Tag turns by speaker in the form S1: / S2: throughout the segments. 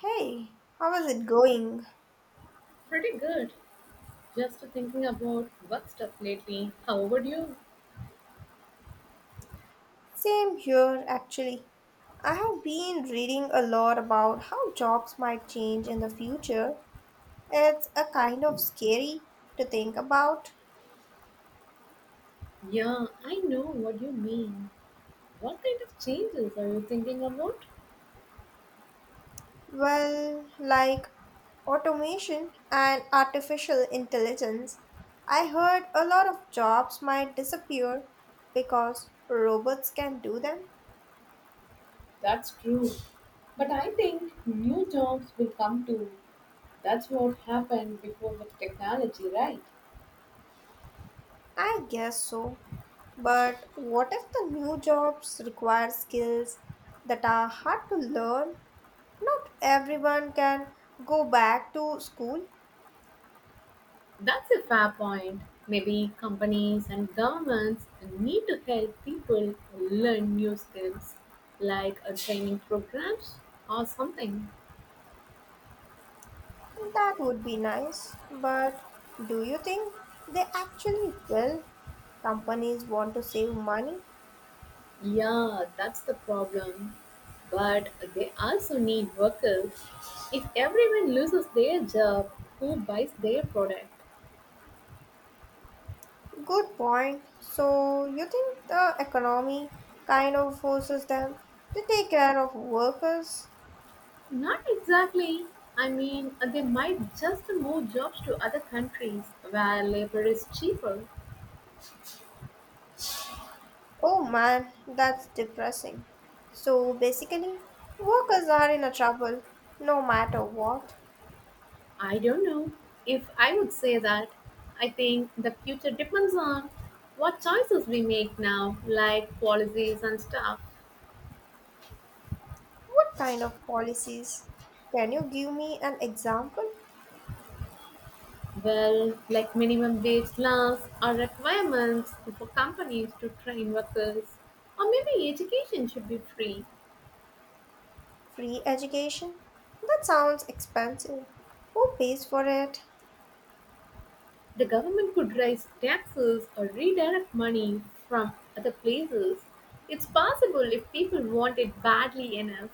S1: Hey, how is it going?
S2: Pretty good. Just thinking about work stuff lately. How would you?
S1: Same here, actually. I have been reading a lot about how jobs might change in the future. It's a kind of scary to think about.
S2: Yeah, I know what you mean. What kind of changes are you thinking about?
S1: Well, like automation and artificial intelligence. I heard a lot of jobs might disappear because robots can do them.
S2: That's true. But I think new jobs will come too. That's what happened before with technology, right?
S1: I guess so. But what if the new jobs require skills that are hard to learn. Not everyone can go back to school.
S2: That's a fair point. Maybe companies and governments need to help people learn new skills, like a training programs or something.
S1: That would be nice. But do you think they actually will? Companies want to save money.
S2: Yeah, that's the problem. But they also need workers. If everyone loses their job, who buys their product?
S1: Good point. So you think the economy kind of forces them to take care of workers?
S2: Not exactly. I mean, they might just move jobs to other countries where labor is cheaper.
S1: Oh man, that's depressing. So basically, workers are in a trouble no matter what.
S2: I don't know if I would say that. I think the future depends on what choices we make now, like policies and stuff.
S1: What kind of policies? Can you give me an example?
S2: Well, like minimum wage laws or requirements for companies to train workers, or maybe education should be free.
S1: Free education? That sounds expensive. Who pays for it?
S2: The government could raise taxes or redirect money from other places. It's possible if people want it badly enough.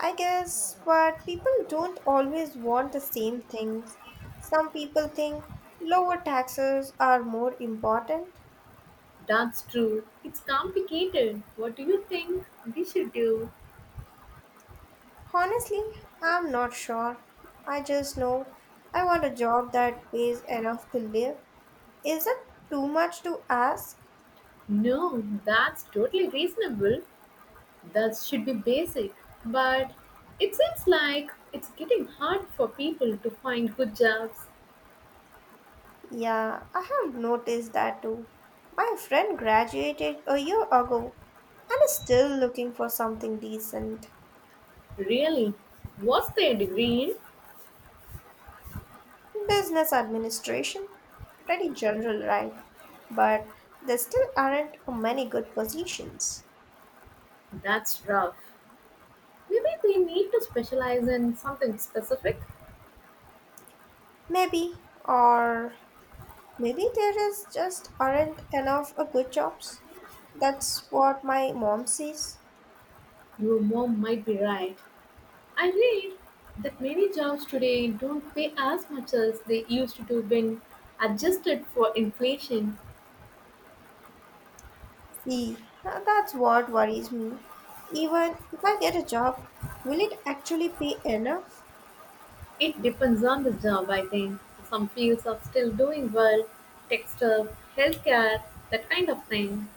S1: I guess, but people don't always want the same things. Some people think lower taxes are more important.
S2: That's true. It's complicated. What do you think we should do?
S1: Honestly, I'm not sure. I just know I want a job that pays enough to live. Is it too much to ask?
S2: No, that's totally reasonable. That should be basic, but it seems like it's getting hard for people to find good jobs.
S1: Yeah, I have noticed that too. My friend graduated a year ago. I'm still looking for something decent.
S2: Really, what's their degree in?
S1: Business administration? Pretty general, right? But there still aren't many good positions.
S2: That's rough. Maybe they need to specialize in something specific.
S1: Maybe, or maybe there is just aren't enough good jobs. That's what my mom says.
S2: Your mom might be right. I read that many jobs today don't pay as much as they used to do when adjusted for inflation.
S1: See, that's what worries me. Even if I get a job, will it actually pay enough?
S2: It depends on the job, I think. Some fields are still doing well, tech stuff, healthcare, that kind of thing.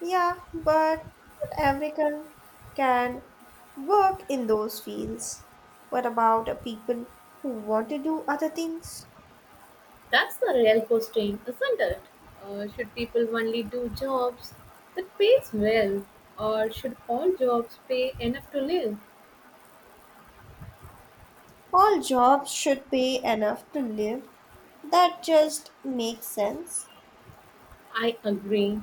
S1: Yeah, but not everyone can work in those fields. What about the people who want to do other things?
S2: That's the real question, isn't it? Should people only do jobs that pays well, or should all jobs pay enough to live?
S1: All jobs should pay enough to live. That just makes sense.
S2: I agree,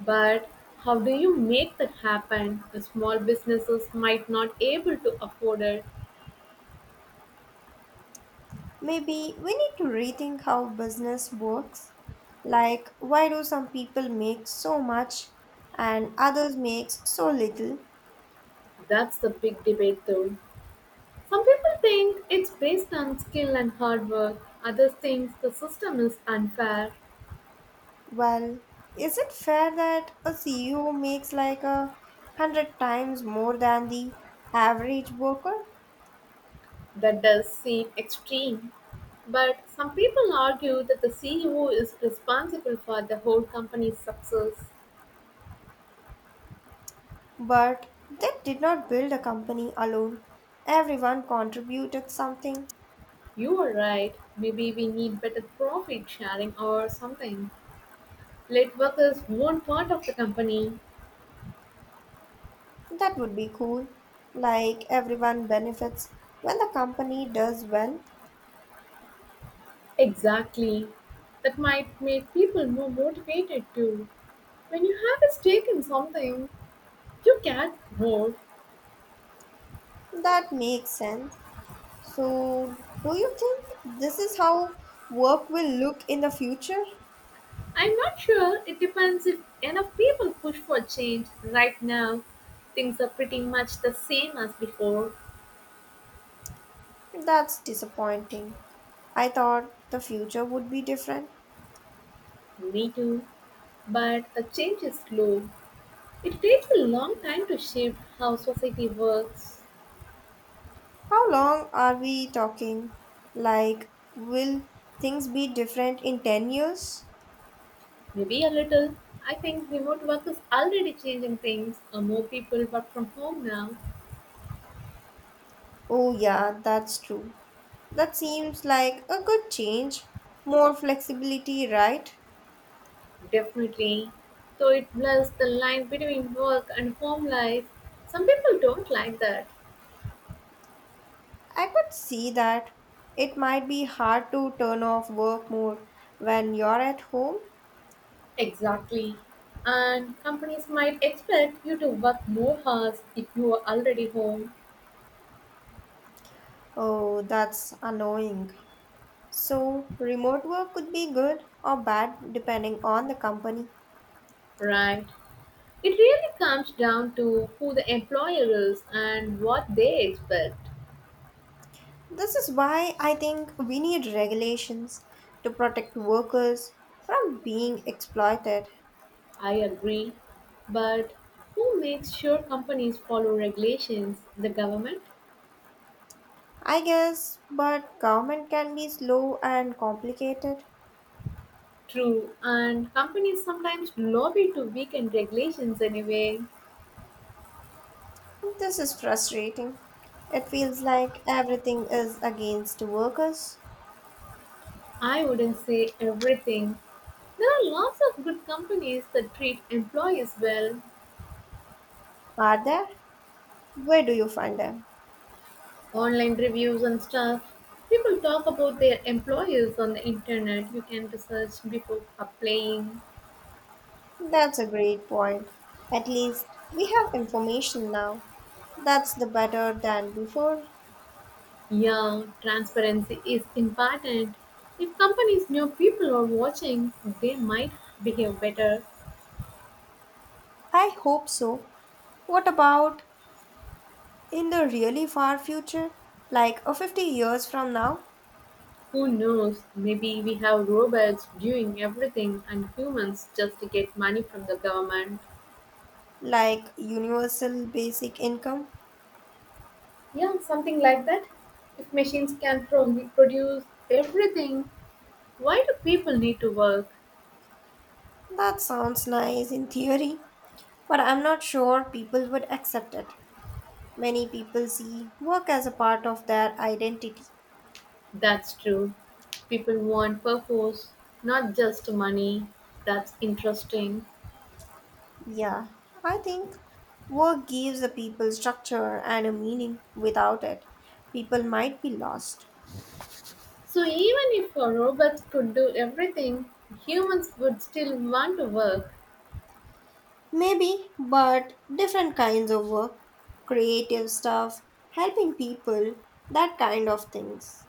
S2: but how do you make that happen? The small businesses might not able to afford it.
S1: Maybe we need to rethink how business works. Like, why do some people make so much and others make so little?
S2: That's the big debate, though. Some people think it's based on skill and hard work, others think the system is unfair.
S1: Well, is it fair that a CEO makes like 100 times more than the average worker?
S2: That does seem extreme. But some people argue that the CEO is responsible for the whole company's success.
S1: But they did not build a company alone. Everyone contributed something.
S2: You are right. Maybe we need better profit sharing or something. Let workers own part of the company.
S1: That would be cool. Like everyone benefits when the company does well.
S2: Exactly. That might make people more motivated too. When you have a stake in something, you care more.
S1: That makes sense. So, do you think this is how work will look in the future?
S2: I'm not sure. It depends if enough people push for change. Right now, things are pretty much the same as before.
S1: That's disappointing. I thought the future would be different.
S2: Me too. But the change is slow. It takes a long time to shift how society works.
S1: How long are we talking? Like, will things be different in 10 years?
S2: Maybe a little. I think remote work is already changing things. More people work from home now.
S1: Oh, yeah, that's true. That seems like a good change. More flexibility, right?
S2: Definitely. So it blurs the line between work and home life. Some people don't like that.
S1: I could see that. It might be hard to turn off work mode when you're at home.
S2: Exactly. And companies might expect you to work more hours if you are already home,
S1: Oh, that's annoying. So, remote work could be good or bad depending on the company.
S2: right? It really comes down to who the employer is and what they expect.
S1: This is why I think we need regulations to protect workers from being exploited.
S2: I agree. But who makes sure companies follow regulations? The government?
S1: I guess, but government can be slow and complicated.
S2: True. And companies sometimes lobby to weaken regulations anyway.
S1: This is frustrating. It feels like everything is against workers.
S2: I wouldn't say everything. There are lots of good companies that treat employees well,
S1: Are there? Where do you find them?
S2: online reviews and stuff. People talk about their employers on the internet. You can research before applying.
S1: That's a great point. At least we have information now. That's the better than before.
S2: Yeah, transparency is important. If companies know people are watching, they might behave better.
S1: I hope so. What about in the really far future like a 50 years from now.
S2: Who knows? Maybe we have robots doing everything and humans just get money from the government.
S1: Like universal basic income.
S2: Yeah, something like that. If machines can produce everything, why do people need to work?
S1: That sounds nice in theory, but I'm not sure people would accept it. Many people see work as a part of their identity.
S2: That's true. People want purpose, not just money. That's interesting.
S1: Yeah, I think work gives the people structure and a meaning. Without it people might be lost.
S2: So, even if our robots could do everything, humans would still want to work.
S1: Maybe, but different kinds of work, creative stuff, helping people, that kind of things.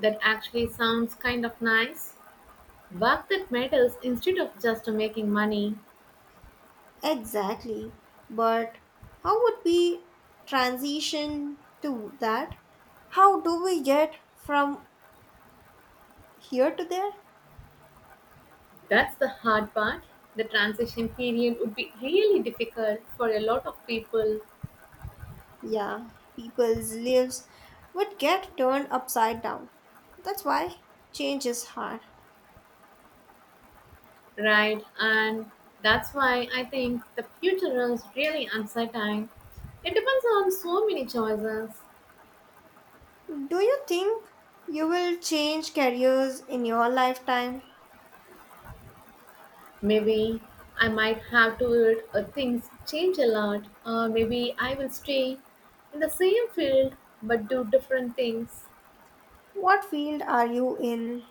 S2: That actually sounds kind of nice. Work that matters instead of just making money.
S1: Exactly. But how would we transition to that? How do we get from here to there?
S2: That's the hard part. The transition period would be really difficult for a lot of people.
S1: Yeah, people's lives would get turned upside down. That's why change is hard.
S2: Right, and that's why I think the future is really uncertain. It depends on so many choices.
S1: Do you think you will change careers in your lifetime?
S2: Maybe I might have to it, or things change a lot, or maybe I will stay in the same field but do different things.
S1: What field are you in?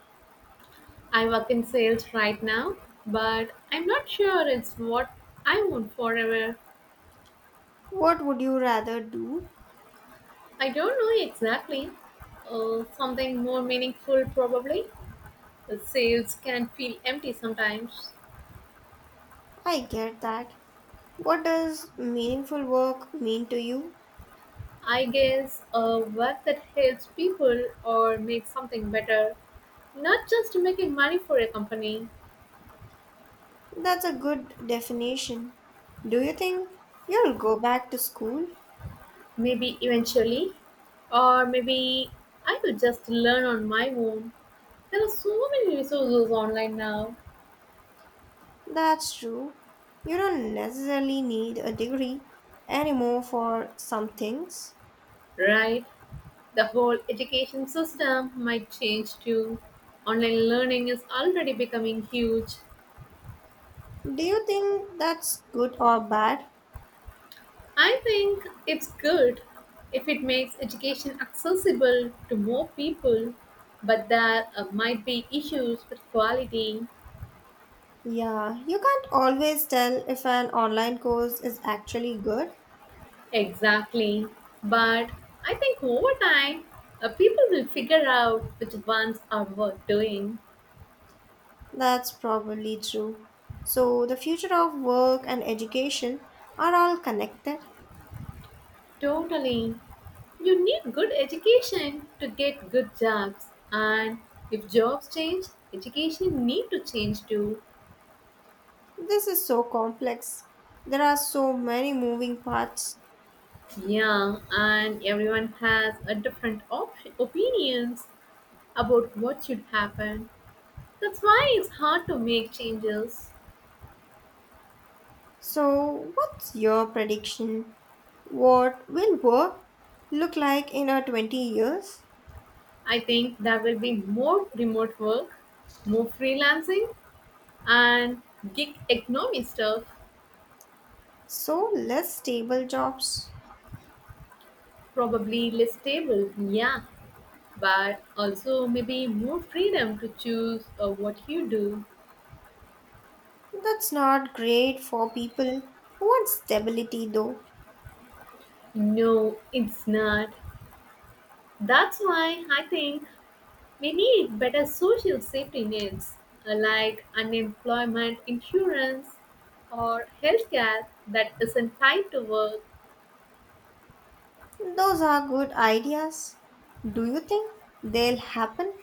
S2: I work in sales right now, but I'm not sure it's what I want forever.
S1: What would you rather do?
S2: I don't know exactly. Something more meaningful, probably. The sales can feel empty sometimes.
S1: I get that. What does meaningful work mean to you?
S2: I guess a work that helps people or makes something better, not just making money for a company.
S1: That's a good definition. Do you think you'll go back to school?
S2: Maybe eventually. Or maybe I will just learn on my own. There are so many resources online now,
S1: That's true. You don't necessarily need a degree anymore for some things.
S2: right? The whole education system might change too. Online learning is already becoming huge.
S1: Do you think that's good or bad?
S2: I think it's good if it makes education accessible to more people, but there might be issues with quality.
S1: Yeah, you can't always tell if an online course is actually good.
S2: Exactly. But I think over time, people will figure out which ones are worth doing.
S1: That's probably true. So, the future of work and education are all connected.
S2: Totally. You need good education to get good jobs. And if jobs change, education need to change too.
S1: This is so complex. There are so many moving parts.
S2: Yeah, and everyone has a different opinions. About what should happen. That's why it's hard to make changes.
S1: So, what's your prediction? What will work look like in our 20 years?
S2: I think there will be more remote work, more freelancing, and gig economy stuff.
S1: So, less stable jobs.
S2: Probably less stable, yeah, but also maybe more freedom to choose what you do.
S1: That's not great for people who want stability, though.
S2: No, it's not. That's why I think we need better social safety nets like unemployment insurance or healthcare that isn't tied to work.
S1: Those are good ideas. Do you think they'll happen?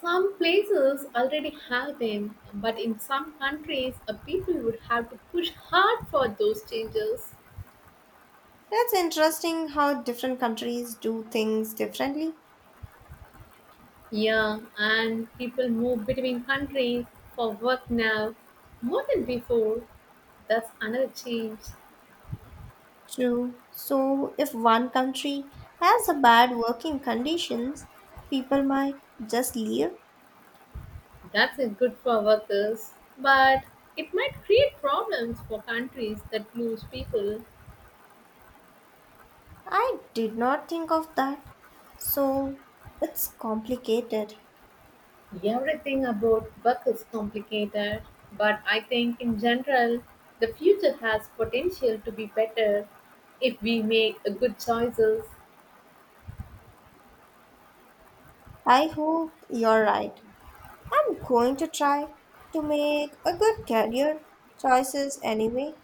S2: Some places already have them, but in some countries, people would have to push hard for those changes.
S1: That's interesting how different countries do things differently.
S2: Yeah, and people move between countries for work now more than before. That's another change.
S1: True. So, if one country has a bad working conditions, people might just leave.
S2: That's a good for workers, but it might create problems for countries that lose people.
S1: I did not think of that. So, it's complicated.
S2: Everything about work is complicated, but I think in general, the future has potential to be better if we make a good choices.
S1: I hope you're right. I'm going to try to make a good career choices anyway.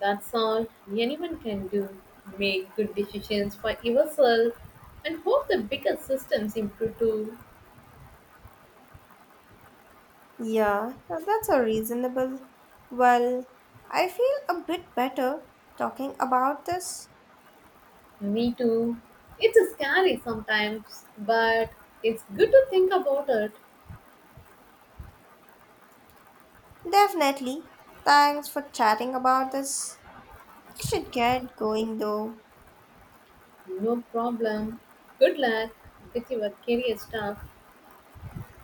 S2: That's all anyone can do. Make good decisions for yourself and hope the bigger systems improve too.
S1: Yeah, now that's a reasonable. Well, I feel a bit better talking about this.
S2: Me too. It's scary sometimes, but it's good to think about it.
S1: Definitely. Thanks for chatting about this. I should get going though.
S2: No problem. Good luck with your career stuff.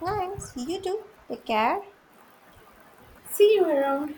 S1: Thanks, you too. Take care.
S2: See you around.